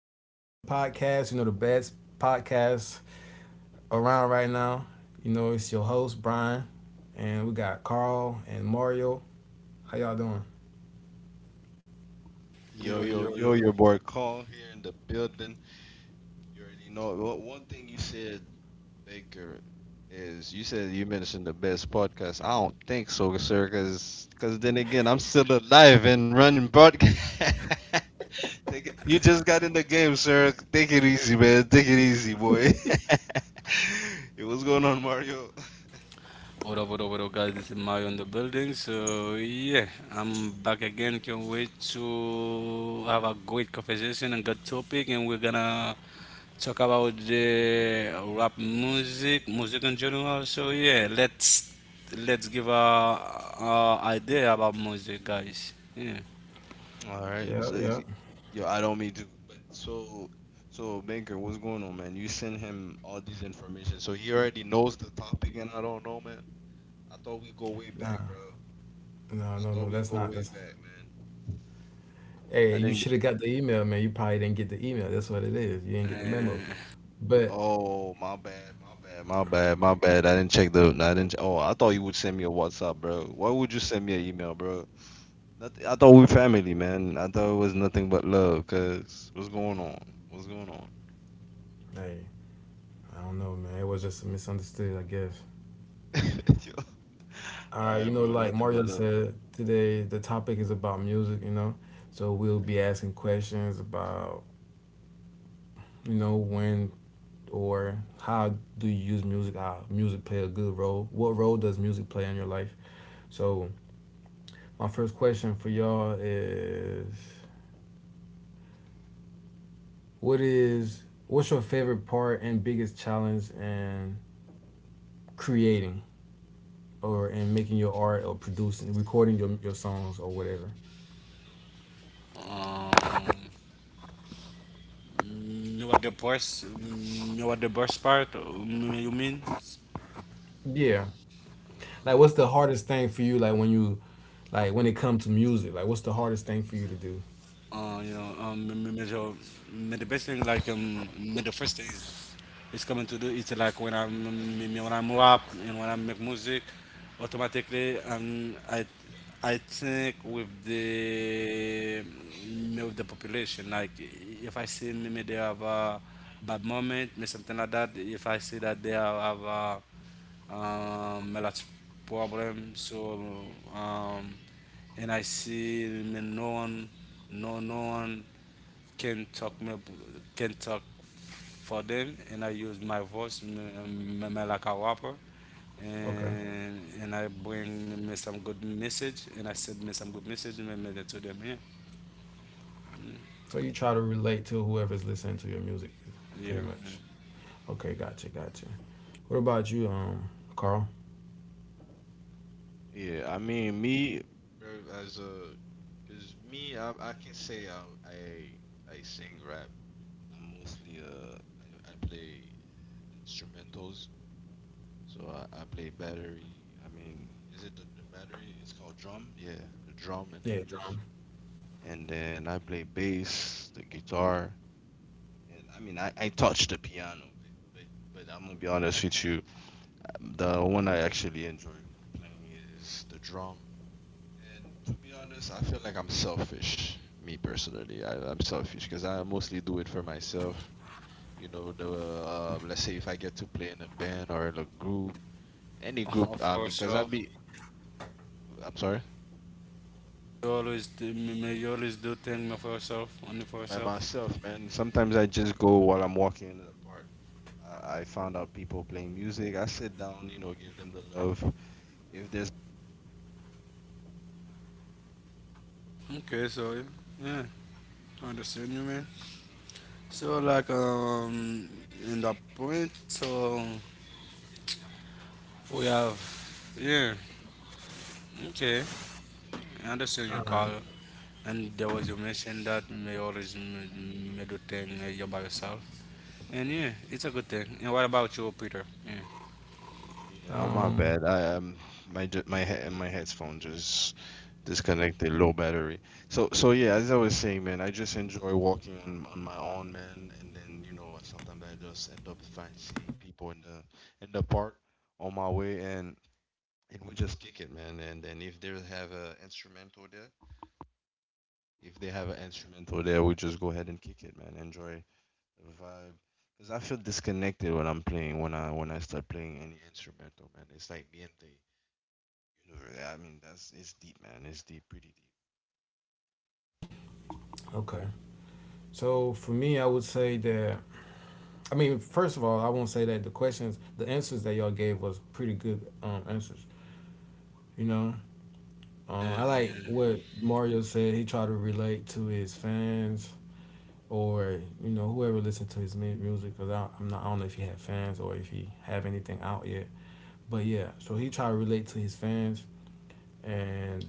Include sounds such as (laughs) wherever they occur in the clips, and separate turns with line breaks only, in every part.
You know, it's the podcast, you know, the best podcast around right now. You know, it's your host, Brian, and we got Carl and Mario. How y'all doing?
Yo,
Yo,
yo,
yo,
yo,
yo.
your boy Kong here in the building. You already know. Well, one thing you said, Baker, is you said you mentioned the best podcast. I don't think so, sir, because then again, I'm still alive and running podcast. (laughs) Take it, you just got in the game, sir. Take it easy, man. Take it easy, boy. (laughs) Hey, what's going on, Mario?
What up, what up, what up, guys? This is Mario in the building. So, yeah, I'm back again. Can't wait to have a great conversation and good topic. And we're gonna talk about the rap music, music in general. So, yeah, let's give a idea about music, guys. Yeah.
All right.
Yep, yep.
Yo, I don't mean to, but so Baker, what's going on, man? You send him all these information, so he already knows the topic, and I don't know, man. I thought we go way
Nah,
back, bro.
no,
I
no,
thought
no,
we
that's
go
not,
way
that's,
back, man.
hey,
I
you
didn't. Get,
should have got the email, man. You probably didn't get the email. That's what it is. You didn't get the memo.
Uh,
But,
oh, my bad, my bad, my bad, my bad. I didn't check the. I didn't. Oh, I thought you would send me a WhatsApp, bro. Why would you send me an email, bro? Nothing, I thought we
hey,
family, man. I thought it was nothing but love. Cause what's going on? What's going on?
I don't know, man. It was just misunderstood, I guess.
(laughs) Yo.
All right, you
Alright,
know,
bro,
like
nothing but
Mario
love.
said today, the topic is about music, you know. So we'll be asking questions about, you know, when or how do you use music? How music play a good role? What role does music play in your life? So my first question for y'all is, what's your favorite part and biggest challenge in creating or in making your art or producing, recording your songs or whatever?
um, you know what the best part? You mean?
Yeah. Like, what's the hardest thing for you? Like when it comes to music, like what's the hardest thing for you to do?
You know, major, the best thing like the first thing is coming to do. It's like when I'm rap and when I make music, automatically. And I think with the population. Like if I see maybe they have a bad moment, me something like that. If I see that they have a lot of problem. So, um, and I see me no one, no one can talk me can talk for them, and I use my voice me like a rapper.
Okay,
And I bring me some good message, and I send me some good message me to them. Yeah,
so you try to relate to whoever's listening to your music, pretty
yeah. (laughs) Yeah.
much. Okay, gotcha, gotcha. What about you, Carl?
Yeah, I mean me, bro, as a, cause me, I can say I sing rap. I'm mostly I play instrumentals, so I play battery. I mean, is it the battery? It's called drum. Yeah, the drum in
Yeah,
English.
drum.
And then I play bass, the guitar, and I mean I touch the piano, but but I'm gonna be honest with you. The one I actually enjoy playing is the drum. And to be honest, I feel like I'm selfish. Me personally, I'm selfish because I mostly do it for myself. You know, the let's say if I get to play in a band or in a group, any group.
All
I
for
mean, because I
yourself.
be, I'm sorry,
You always do things for yourself, only for
by
yourself.
myself, man. Sometimes I just go while I'm walking in the park. I found out people playing music. I sit down, you know, give them the love if there's
Okay, so yeah, I understand you, man. So, like, in that point, so we have, yeah, okay, I understand your
All
call.
right.
And there was you mentioned that may always may do thing, you by yourself, and yeah, it's a good thing. And what about you, Peter? Yeah,
yeah, oh, my
Um,
bad. I my ju- my he- my headphone just disconnected, low battery. So yeah, as I was saying, man, I just enjoy walking on my own, man. And then you know sometimes I just end up find seeing people in the park on my way, and we just kick it, man. And then if they have a instrumental there, if they have an instrumental there, we just go ahead and kick it, man. Enjoy the vibe. Cause I feel disconnected when I start playing any instrumental, man. It's like niente. Universe. Yeah, I mean, that's it's deep, man. It's deep, pretty deep.
okay. So for me, I would say that first of all, I won't say that the answers that y'all gave was pretty good answers. You know,
yeah,
I like
yeah,
what Mario said. He tried to relate to his fans, or you know whoever listened to his music, because I'm not I don't know if he had fans or if he have anything out yet. But yeah, so he tried to relate to his fans, and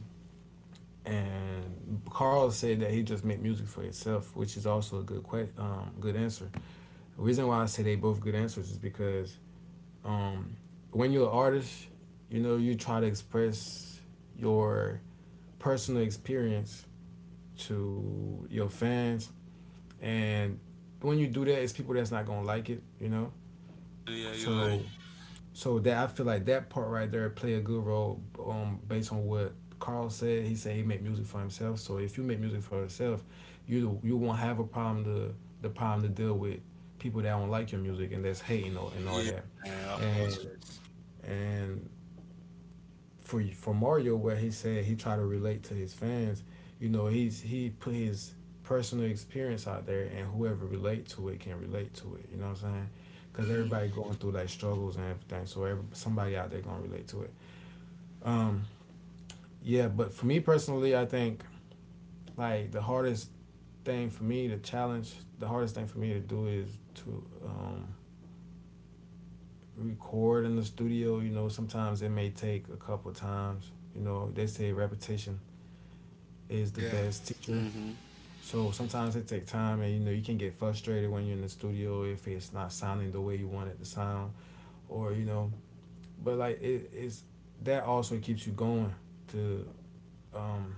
Carl said that he just made music for himself, which is also a good good answer. The reason why I say they both good answers is because um when you're an artist, you know you try to express your personal experience to your fans, and when you do that it's people that's not gonna like it, you know.
yeah, you're right.
So that I feel like that part right there play a good role based on what Carl said. He said he make music for himself. So if you make music for yourself, you won't have a problem to deal with people that don't like your music and that's hating or and all
Yeah,
that.
yeah, of course,
And
yes.
and for Mario where he said he tried to relate to his fans. You know, he's he put his personal experience out there, and whoever relate to it can relate to it. You know what I'm saying? Because
Hmm.
everybody going through like struggles and everything, so somebody out there gonna relate to it. Um, yeah, but for me personally, I think like the hardest thing for me to challenge, the hardest thing for me to do is to record in the studio. You know, sometimes it may take a couple times. You know, they say repetition is the
Yeah.
best teacher.
Mm-hmm.
So sometimes it take time, and you know you can get frustrated when you're in the studio if it's not sounding the way you want it to sound, or you know. But like it is that also keeps you going to um,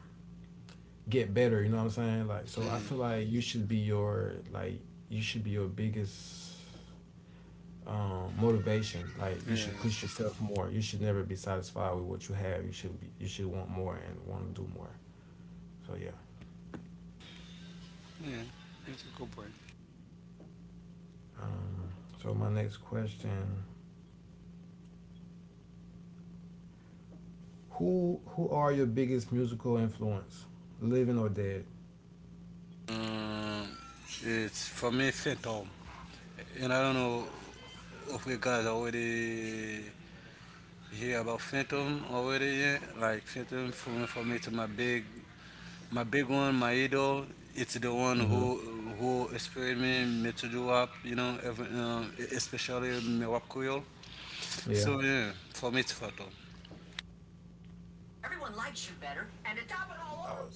get better. You know what I'm saying? Like so, I
Yeah,
feel like you should be your like you should be your biggest motivation. Like you
yeah,
should push yourself more. You should never be satisfied with what you have. You should want more and want to do more. So yeah.
yeah, it's a good point.
Um, so my next question. Who are your biggest musical influence, living or dead?
Um, it's for me Phantom, and I don't know if we guys already hear about Phantom already, yeah, like Phantom for me to my big, my big one, my idol. It's the one
Hmm.
who inspired me to do rap, you know, every, especially me rap Creole.
Yeah.
So yeah, for me it's Phantom.
Everyone likes you better. And to top it all off,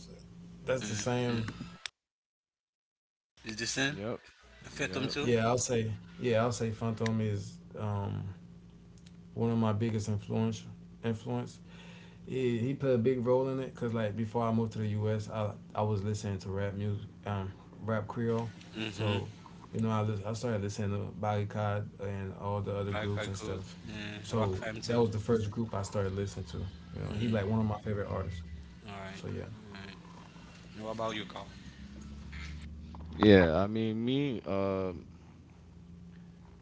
that's the
Mm.
same.
Is the same?
Yep.
Phantom
Yep.
too.
Yeah, I'll say. Yeah, I'll say. Phantom is one of my biggest influence. He played a big role in it because like before I moved to the U. S. I was listening to rap music, rap Creole,
Mm-hmm.
so you know I started listening to Body and all the other
Like I
groups and
cool.
stuff.
Yeah, rock
So
fam
that
too.
was the first group I started listening to. You know, he
Mm.
like one of my favorite artists.
All right.
So yeah.
All right. What about you, Carl?
Yeah, I mean me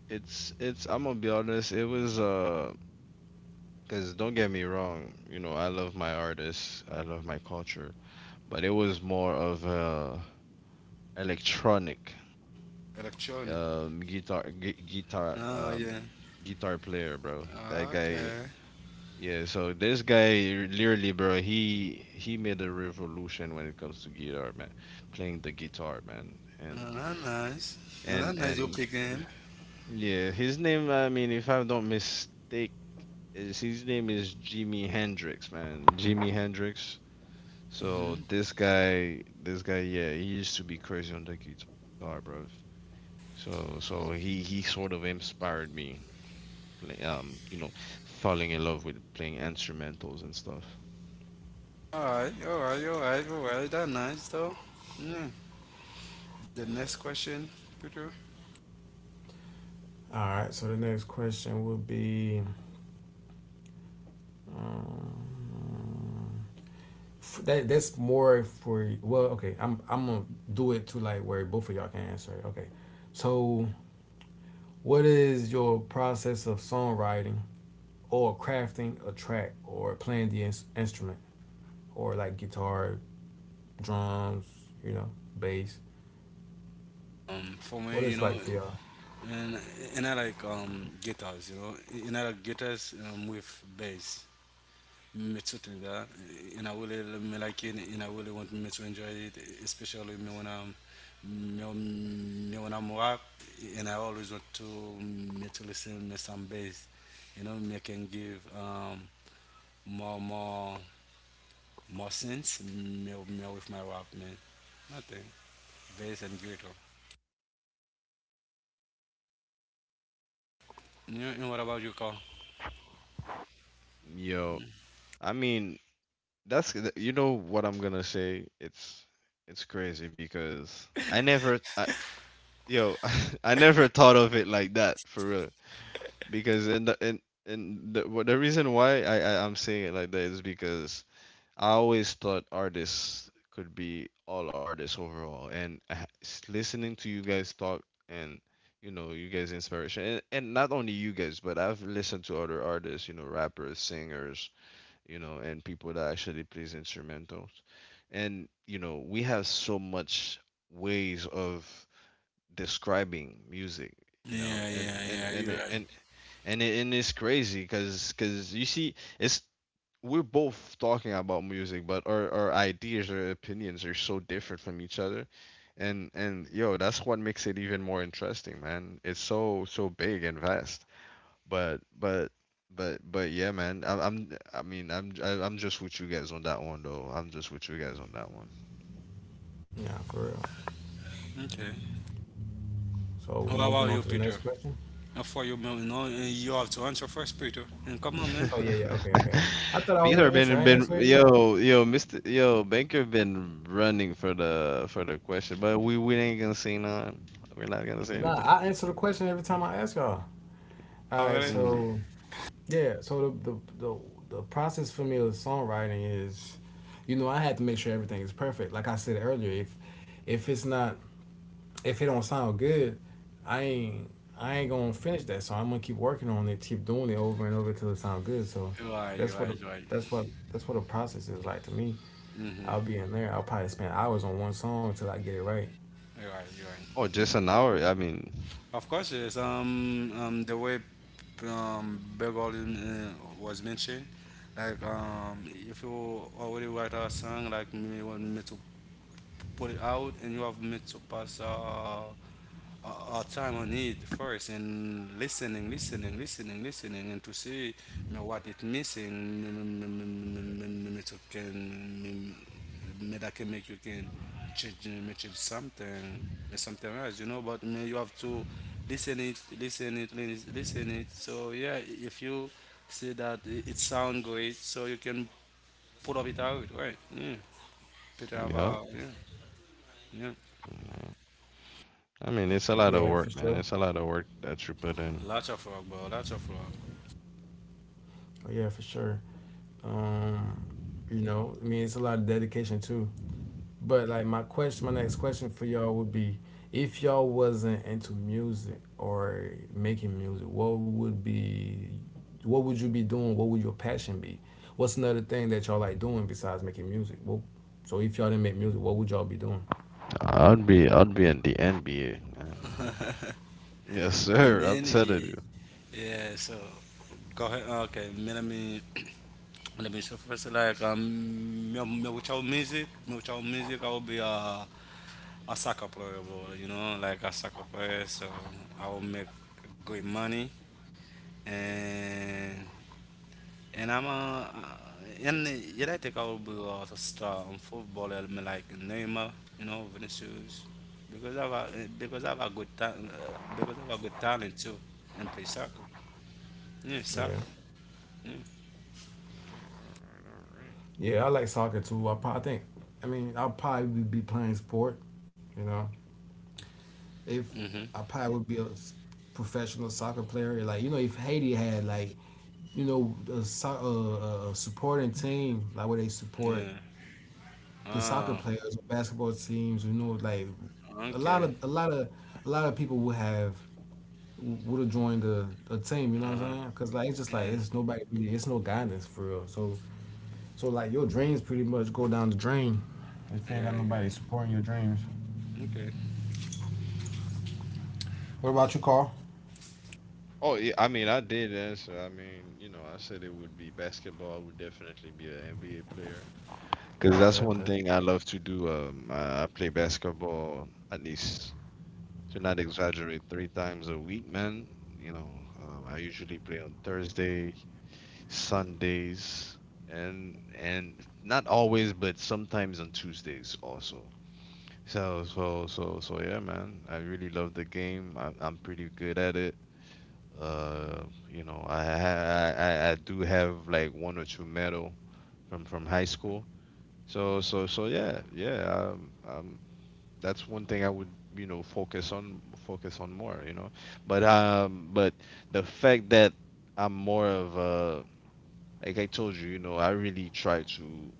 it's I'm gonna be honest, it was cuz don't get me wrong, you know, I love my artists, I love my culture, but it was more of a electronic
Electronic.
guitar
Ah, yeah.
guitar player, bro. That
Ah,
guy
okay.
yeah, so this guy literally, bro, he made a revolution when it comes to guitar, man. Playing the guitar, man. And
Oh, that's nice. Yeah, that's
and
nice you pick
and
him.
yeah, his name, I mean, if I don't mistake, is his name is Jimi Hendrix, man. Jimi Hendrix. So
Mm-hmm.
this guy, yeah, he used to be crazy on the guitar, bro. So he sort of inspired me, play, you know, falling in love with playing instrumentals and stuff.
All right, all right, all right, all right. That's nice though. Yeah. The next question, Peter.
All right. So the next question would be f- that that's more for well, okay. I'm gonna do it to like where both of y'all can answer it. Okay. So what is your process of songwriting or crafting a track or playing the instrument or like guitar, drums, you know, bass?
For
What
me, you
it's
know,
like for y'all?
and and I like guitars, you know, and I like guitars, with bass. Me too think that, and I really me like it, and I really want me to enjoy it, especially me when I'm me, me when I'm rap, and I always want to me to listen me some bass, you know, me can give more more more sense, more with my rap, man. Nothing bass and guitar you. And what about you, Carl?
Yo, I mean, you know what I'm gonna say. It's crazy because I never, I, yo, (laughs) I never thought of it like that for real. Because in the what the reason why I'm saying it like that is because I always thought artists could be all artists overall, and listening to you guys talk and you know you guys inspiration and not only you guys but I've listened to other artists, you know, rappers, singers, you know, and people that actually plays instrumentals. And, you know, we have so much ways of describing music, you know,
Yeah,
and
yeah,
and
yeah,
and
you're
it-
right.
and and, it, and it's crazy because you see, it's we're both talking about music, but our ideas or opinions are so different from each other. And yo, that's what makes it even more interesting, man. It's so so big and vast. But but but yeah, man. I'm I mean I'm I, I'm just with you guys on that one though. I'm just with you guys on that one.
Yeah, for real.
Okay,
So
what
we moving
about
on
you,
to the
Peter?
next question.
And for you, man, you know, and you have to answer first, Peter. And come on, man.
Oh yeah, yeah. Okay,
(laughs)
okay. I thought I already
Peter
answered.
been
I ain't
been
answered it yet?
yo yo Mr. Yo Baker been running for the question, but we ain't gonna say none. We're not gonna say
Nah,
anything.
I answer the question every time I ask y'all. All
All
right,
right.
Mm.
so yeah, so the process for me of songwriting is, you know, I had to make sure everything is perfect. Like I said earlier, if it's not, if it don't sound good, I ain't I ain't gonna finish that song. I'm gonna keep working on it, keep doing it over and over till it sounds good. So
You're right, you're
that's what a,
right, you're right.
that's what a process is like to me.
Mm-hmm.
I'll be in there. I'll probably spend hours on one song until I get it right.
You're right, you're right,
Oh,
you're
just an
right.
hour. I mean,
Of course, yes. The way, Beverly, was mentioned, like, if you already write a song, like me want me to put it out, and you have made to pass, a time on it first and listening, listening, listening, listening, and to see, you know, what it missing, me to can, me that can make you can change, me change something, and something else, you know. But me, you have to listen it, listen it, listen it. So yeah, if you see that it sound great, so you can put up it out, right? Yeah, better have
yeah.
a, yeah, yeah.
Yeah. I mean, it's a lot of
Yeah, for
work, man.
sure.
It's a lot of work that you put in.
Lots of rock, bro. Lots of rock.
Oh yeah, for sure. Um, you know, I mean, it's a lot of dedication too. But like my question, my next question for y'all would be, if y'all wasn't into music or making music, what would you be doing? What would your passion be? What's another thing that y'all like doing besides making music? Well, so if y'all didn't make music, what would y'all be doing?
I'd be in the NBA, man. Yes,
And
sir. I'm
then
telling
we,
you.
Yeah, so go ahead. Okay, me, let me so first, like, me without music, me without music, I will be a soccer player, bro. You know, like a soccer player. So I will make good money and And I En ama yeah, je rijdt ik al bij als a star, in football. Voetballer me like Neymar, you know, Vinicius, because I have a, because I have a good ta- because I have a good talent too, and play soccer. Yeah,
Yeah,
soccer. Yeah.
All right, all right.
yeah, I like soccer too. I mean, I'll probably be playing sport. You know, if
Mm-hmm.
I probably would be a professional soccer player. Like you know, if Haiti had like you know a, so- a supporting team like where they
Yeah.
support the
Oh,
soccer players or basketball teams, you know, like a
okay.
lot of a lot of a lot of people would have joined a team. You know
Uh-huh.
what I'm saying? Because like it's just
Yeah.
like it's nobody really, it's no guidance for real. So so like your dreams pretty much go down the drain if you ain't
Yeah,
got
you're
nobody
right.
supporting your dreams.
Okay.
What about you, Carl?
Oh, yeah, I mean, I did answer. I mean, you know, I said it would be basketball. I would definitely be an NBA player because
Okay,
that's one
okay,
thing I love to do. I play basketball at least to not exaggerate three times a week, man. You know, I usually play on Thursday, Sundays, and not always, but sometimes on Tuesdays also. So yeah, man. I really love the game. I'm pretty good at it. Uh, you know, I, ha- I do have like one or two medal from high school. So yeah yeah that's one thing I would you know focus on focus on more you know but the fact that I'm more of a like I told you you know I really try to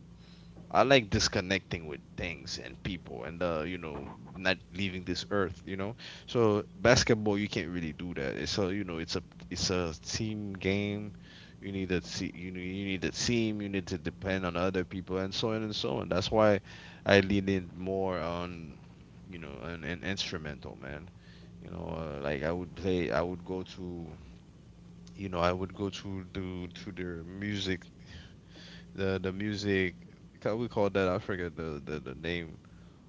I like disconnecting with things and people and you know not leaving this earth you know so basketball you can't really do that it's a you know it's a team game you need a you know you need a team you need to depend on other people and so on that's why I lean in more on you know an instrumental man you know like I would go to you know I would go to the to their music the music we call that I forget the name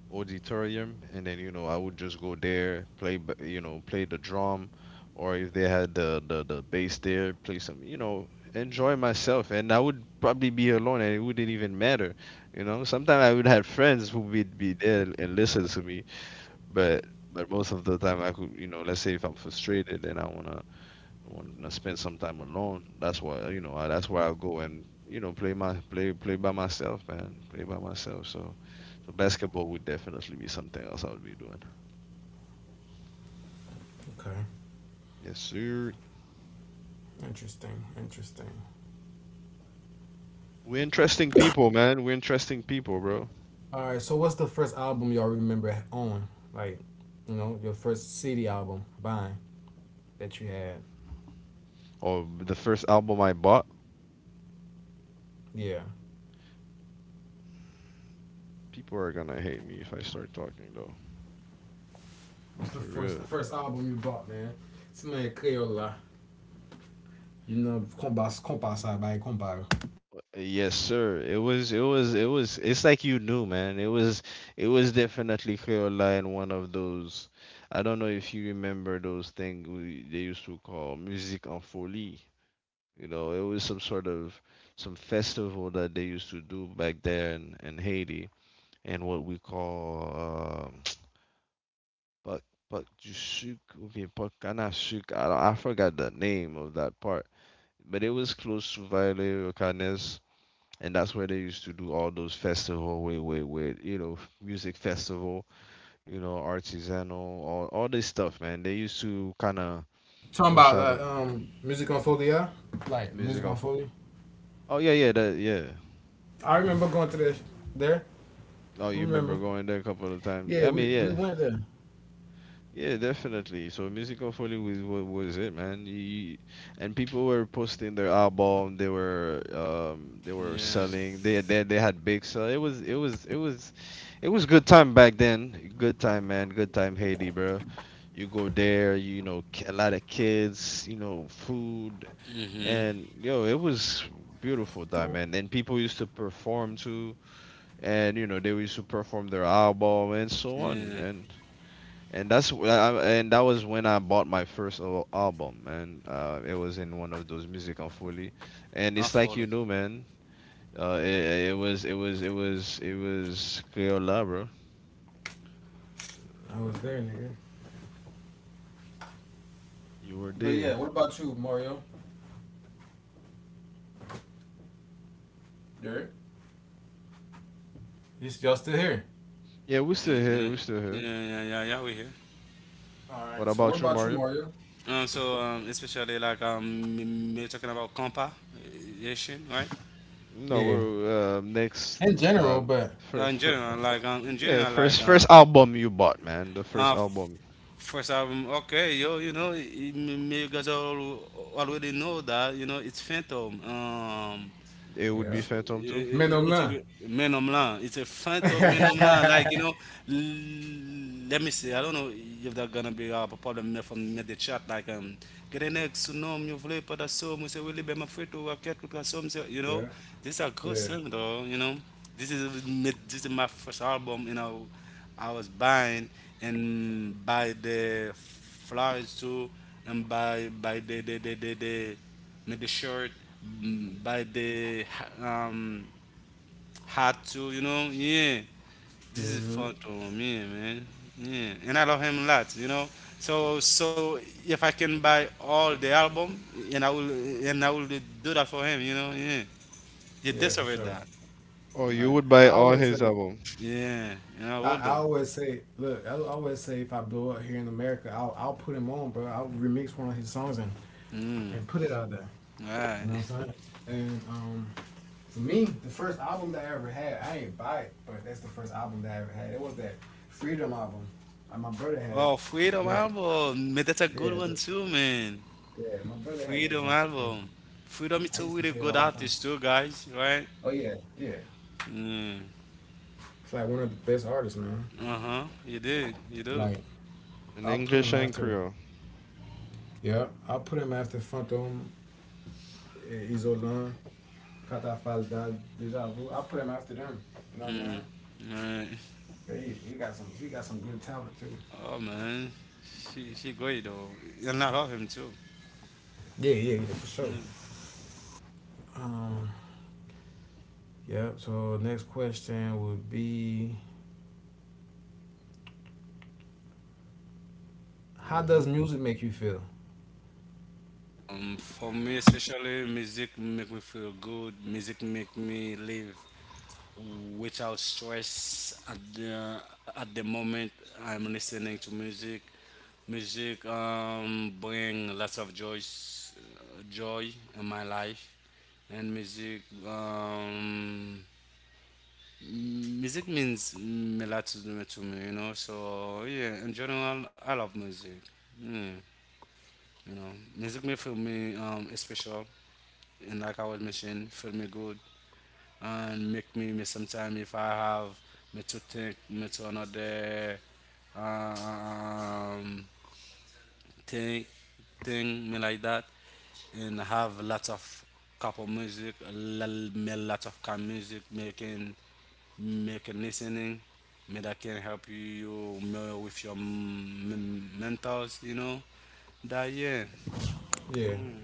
auditorium and then you know I would just go there you know play the drum or if they had the bass there play some you know enjoy myself and I would probably be alone and it wouldn't even matter you know sometimes I would have friends who would be there and listen to me but but most of the time I could you know let's say if I'm frustrated and I wanna I want to spend some time alone. That's why you know. That's where I go and you know play by myself, man. Play by myself. So, so basketball would definitely be something else I would be doing.
okay.
Yes, sir.
Interesting, interesting.
We're interesting people, man. We're interesting people, bro.
All right, so what's the first album y'all remember on? Like, you know, your first CD album buying that you had.
Oh, the first album I bought.
Yeah.
People are gonna hate me if I start talking though.
What's the
For real.
first album you bought, man? It's my Crayola. You know, compasa by comparo.
Yes, sir. It's like you knew, man. It was definitely Caroline, one of those. I don't know if you remember those things we, they used to call music en folie. You know, it was some sort of some festival that they used to do back there in Haiti and what we call um (tsk) Puck Puck du sucre ou bien Puck à la I, don't- I forgot the name of that part, but it was close to Violet or Canes and that's where they used to do all those festival with you know music festival you know artisanal all this stuff man they used to kind of
Talking
push
about
out the
music on folia, like
music
music on
off of-
folia.
oh yeah yeah that yeah
I remember going to this there.
oh
I
you remember
remember.
going there a couple of times
Yeah,
I mean
we
yeah
went there.
yeah, definitely. So Musical Folly was what was it, man? You, and people were posting their album. They were
Yeah.
selling. They had big sell. It was good time back then. Good time, man. Good time, Haiti, bro. You go there, you know, a lot of kids, you know, food,
Mm-hmm.
and yo, it was beautiful time, man. And people used to perform too, and you know, they used to perform their album and so on.
Yeah.
And that was when I bought my first album, man. It was in one of those musical fully, and
I
it's like you
follow.
know, man. It was Crayola, bro.
I was there, nigga.
You were
But yeah,
there.
what about you, Mario? There. You s- y'all still here?
Yeah, we're
Yeah,
still
yeah,
here. We're still here.
yeah, yeah, yeah, we here.
All right.
What
So what
about you,
about you,
Mario?
Mario?
So, especially, like, we're talking about comparison, right?
No,
Yeah.
we're next.
In general,
Uh,
but
first, fir
In
Yeah,
general, like,
first first album you bought, man. The first
uh,
album.
first album, okay, yo, you know, you guys all already know that, you know, it's Phantom.
It would be
yeah.
Phantom 2.
Men don't
It's a
(laughs)
man on land. It's a fight of men on land. Like, you
yeah.
know, let me see. I don't know if they're gonna be, a problem from the chat. Like, Grenex, an ex, no, you voulez pas d'assaut, monsieur Willie, ben ma frère, tu as quelque chose, monsieur. You know, this is a good
Yeah.
song though. You know, this is this is my first album. You know, I was buying and by the flowers too, and by the made the shirt, buy the hat too, you know. Yeah, this is
Hmm.
fun to me, man. Yeah, and I love him a lot, you know. So if I can buy all the album, and I will and I will do that for him, you know. Yeah, you
Yeah, for
deserve
sure.
that.
Oh, you
Right.
would buy
I
all
always say,
his album
Yeah, and I will
I
do.
always say, look, I always say, if I blow up here in America, I'll put him on, bro. I'll remix one of his songs
Mm,
and put it out there.
right.
You know what
(laughs)
I'm saying? And for me, the first album that I ever had, I ain't buy it, but that's the first album that I ever had. It was that Freedom album. My brother had it.
Oh, Freedom
Yeah,
album, man, that's a good
yeah.
one too, man.
Yeah, my brother had that
Freedom
junk. So
album. Freedom is
I
a
used to
really
play it
good
all the time.
artist too, guys, right?
Oh yeah, yeah.
Mm.
It's like one of the best artists, man.
Uh-huh. You do. You do.
Like
in
I'll put
English
him
and
after.
Creole.
Yeah, I'll put him after Phantom, eh, Isolan, Kata Deja Vu. I'll put him after them. You know what I'm
Mm.
saying?
Right.
But He got some good talent too.
Oh man. She great though. And I love him too.
Yeah, yeah, yeah, for sure.
Mm.
Um, yeah. So next question would be, how does music make you feel?
For me, especially, music make me feel good. Music make me live without stress at the moment I'm listening to music. Music bring lots of joy in my life, and music music means, a lot to me, you know. So yeah, in general, I love music. Yeah, you know, music may feel me special, and like I was mentioning, feel me good, and make me sometimes, if I have me to think me to another um thing thing me like that, and have lots of couple music, me lots of kind music making make a listening. May that can help you more with your mentors, you know. That yeah.
Yeah,
Mm.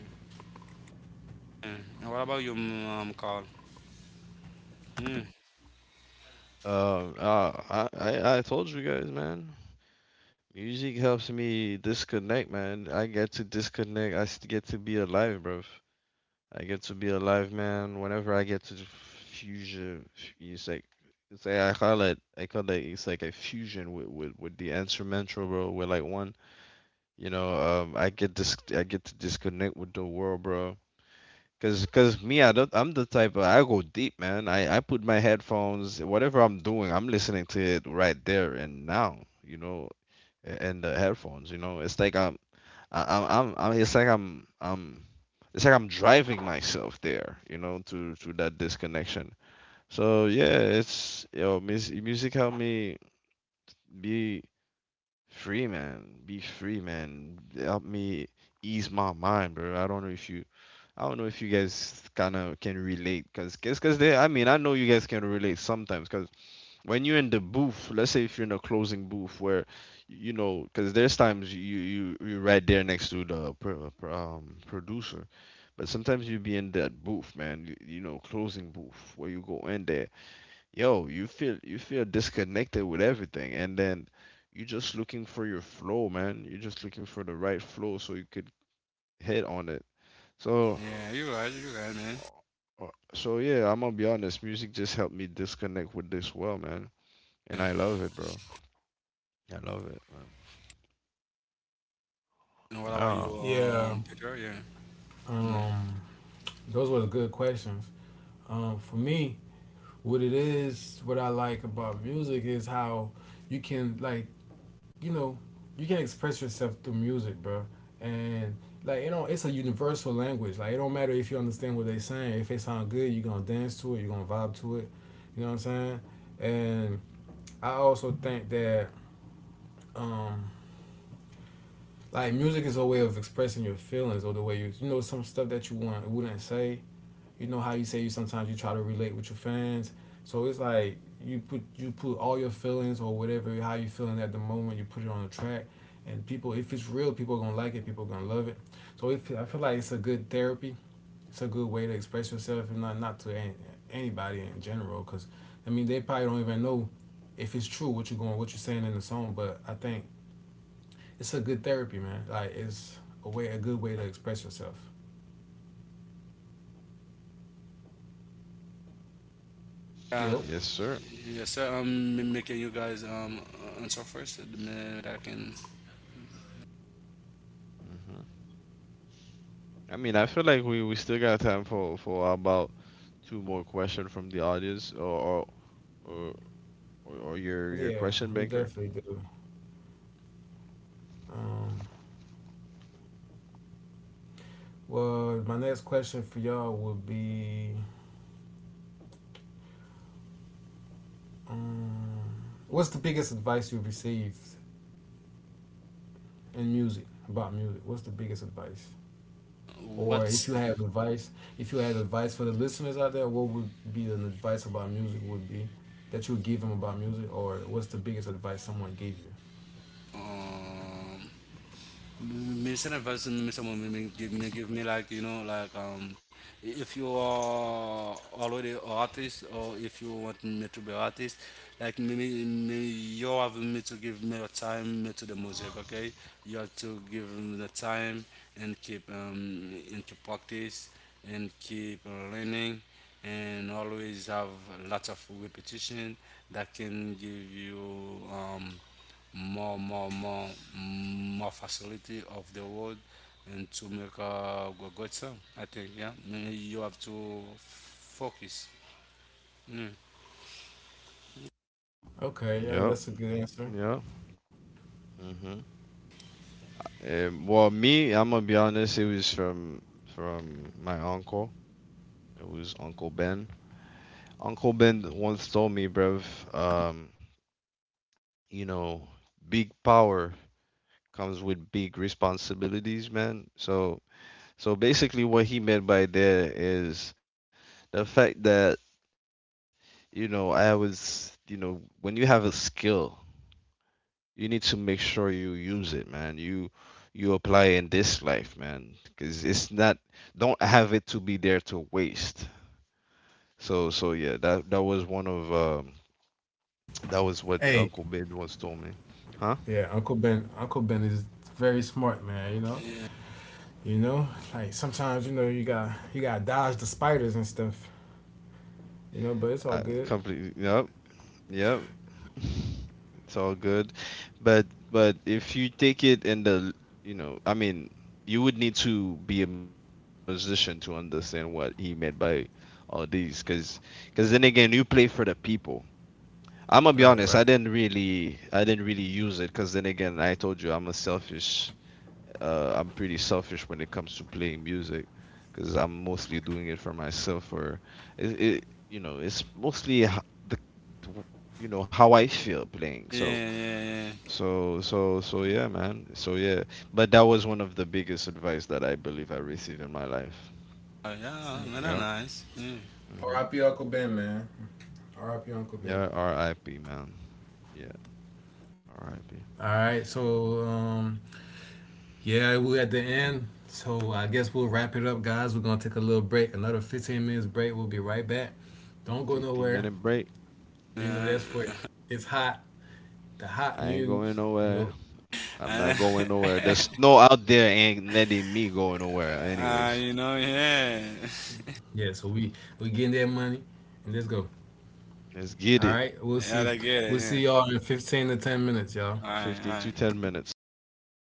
Yeah. And what about you, Carl? Mm.
I told you guys, man. Music helps me disconnect, man. I get to disconnect. Get to be alive, bro. I get to be alive, man. Whenever I get to fusion, it's like I call it. I call it. It's like a fusion with the instrumental, bro. With like one, you know. I get to disconnect with the world, bro. Cause, cause Me, I don't, I'm the type of, I go deep, man. I put my headphones, whatever I'm doing, I'm listening to it right there and now, you know, and the headphones, you know, it's like I'm, I- I'm, it's like I'm, it's like I'm driving myself there, you know, to that disconnection. So yeah, music helped me be free, man. Be free, man. Help me ease my mind, bro. I don't know if you guys kind of can relate, cause, cause cause they. I mean, I know you guys can relate sometimes, cause when you're in the booth, let's say if you're in a closing booth where, you know, cause there's times you're right there next to the producer, but sometimes you be in that booth, man. You know, closing booth where you go in there, yo, you feel disconnected with everything, and then you're just looking for your flow, man. You're just looking for the right flow so you could hit on it. So,
Yeah, you right, man.
uh, so yeah, I'm gonna be honest. Music just helped me disconnect with this world, man,
Yeah.
and I love it, bro. I love it, man.
And what about you,
Wow.
yeah.
Peter? Yeah. Yeah.
Um, those were good questions. For me, what I like about music is how you can like, you know, you can express yourself through music, bro. And like you know, it's a universal language. Like it don't matter if you understand what they saying. If it sound good, you gonna dance to it. You gonna vibe to it. You know what I'm saying? And I also think that um, like music is a way of expressing your feelings or the way you you know some stuff that you want wouldn't say, you know how you say you sometimes you try to relate with your fans. So it's like you put all your feelings or whatever how you feeling at the moment. You put it on the track, and people, if it's real, people are gonna like it. People are gonna love it. So if, I feel like it's a good therapy. It's a good way to express yourself and not anybody in general. Cause I mean they probably don't even know if it's true what you're going what you're saying in the song. But I think it's a good therapy, man. Like it's a way a good way to express yourself.
Yeah,
Yep.
Yes, sir.
yes, sir. I'm making you guys answer first. Me. That I can.
Hmm. I mean, I feel like we still got time for about two more questions from the audience, or, or your
Yeah,
question
we
banker.
definitely do. Um, Well, my next question for y'all would be, um, what's the biggest advice you've received in music about music? What's the biggest advice? Or if
What's
you have advice, if you had advice for the listeners out there, what would be an advice about music would be that you would give them about music, or what's the biggest advice someone gave you?
um me send a person me someone me give me like, you know, like, if you are already a artist, or if you want me to be artist, like me you have me to give me a time me to the music. Okay, you have to give me the time, and keep practice, and keep learning, and always have lots of repetition that can give you more more more more facility of the world, and to make a good song. I think, yeah. You have to focus. Mm.
Okay, yeah,
Yep.
that's a good answer.
Yep. Mm-hmm. Well, me, I'm gonna be honest. It was from my uncle. It was Uncle Ben. Uncle Ben once told me, bruv, um, you know, big power comes with big responsibilities, man. So, so basically, what he meant by there is the fact that, you know, I was, you know, when you have a skill you need to make sure you use it, man. You apply in this life, man, because it's not, don't have it to be there to waste. So so yeah, that was one of, that was what
Hey,
Uncle Ben once told me, huh?
Yeah, Uncle Ben. Uncle Ben is very smart, man. You know, like sometimes you know you got to dodge the spiders and stuff. You know, but it's all
I
good.
completely, yep, yep. It's all good, but but if you take it in the, you know, I mean, you would need to be a musician to understand what he meant by all these, because then again you play for the people. I'm gonna be honest.
Right, right.
I didn't really use it because then again, I told you I'm a selfish. I'm pretty selfish when it comes to playing music because I'm mostly doing it for myself. Or it, you know, it's mostly w- you know, how I feel playing.
Yeah, yeah, yeah.
So yeah, man. So yeah. But that was one of the biggest advice that I believe I received in my life.
Oh, yeah,
Yeah.
man,
Yeah.
nice. Mm.
Hmm.
R.I.P. Uncle Ben, man. R.I.P. Uncle Ben.
Yeah. R.I.P., man. Yeah. R.I.P.
All right, so yeah, we're at the end. So I guess we'll wrap it up, guys. We're gonna take a little break, another 15 minutes break. We'll be right back. Don't go
15
nowhere.
minute break.
You know
Yeah.
that's for
(laughs)
it's hot, the hot
I ain't going
news. You
nowhere.
know.
I'm
Uh,
not going nowhere. The
(laughs)
snow out there ain't letting me go nowhere anyways.
you know, yeah. (laughs)
Yeah. So we getting that money, and let's go.
Let's get
All
it.
right. We'll
Yeah,
see.
I get it.
We'll
Yeah.
see y'all in 15 to 10 minutes, y'all.
All right, all
15
right,
to 10 minutes.
all right.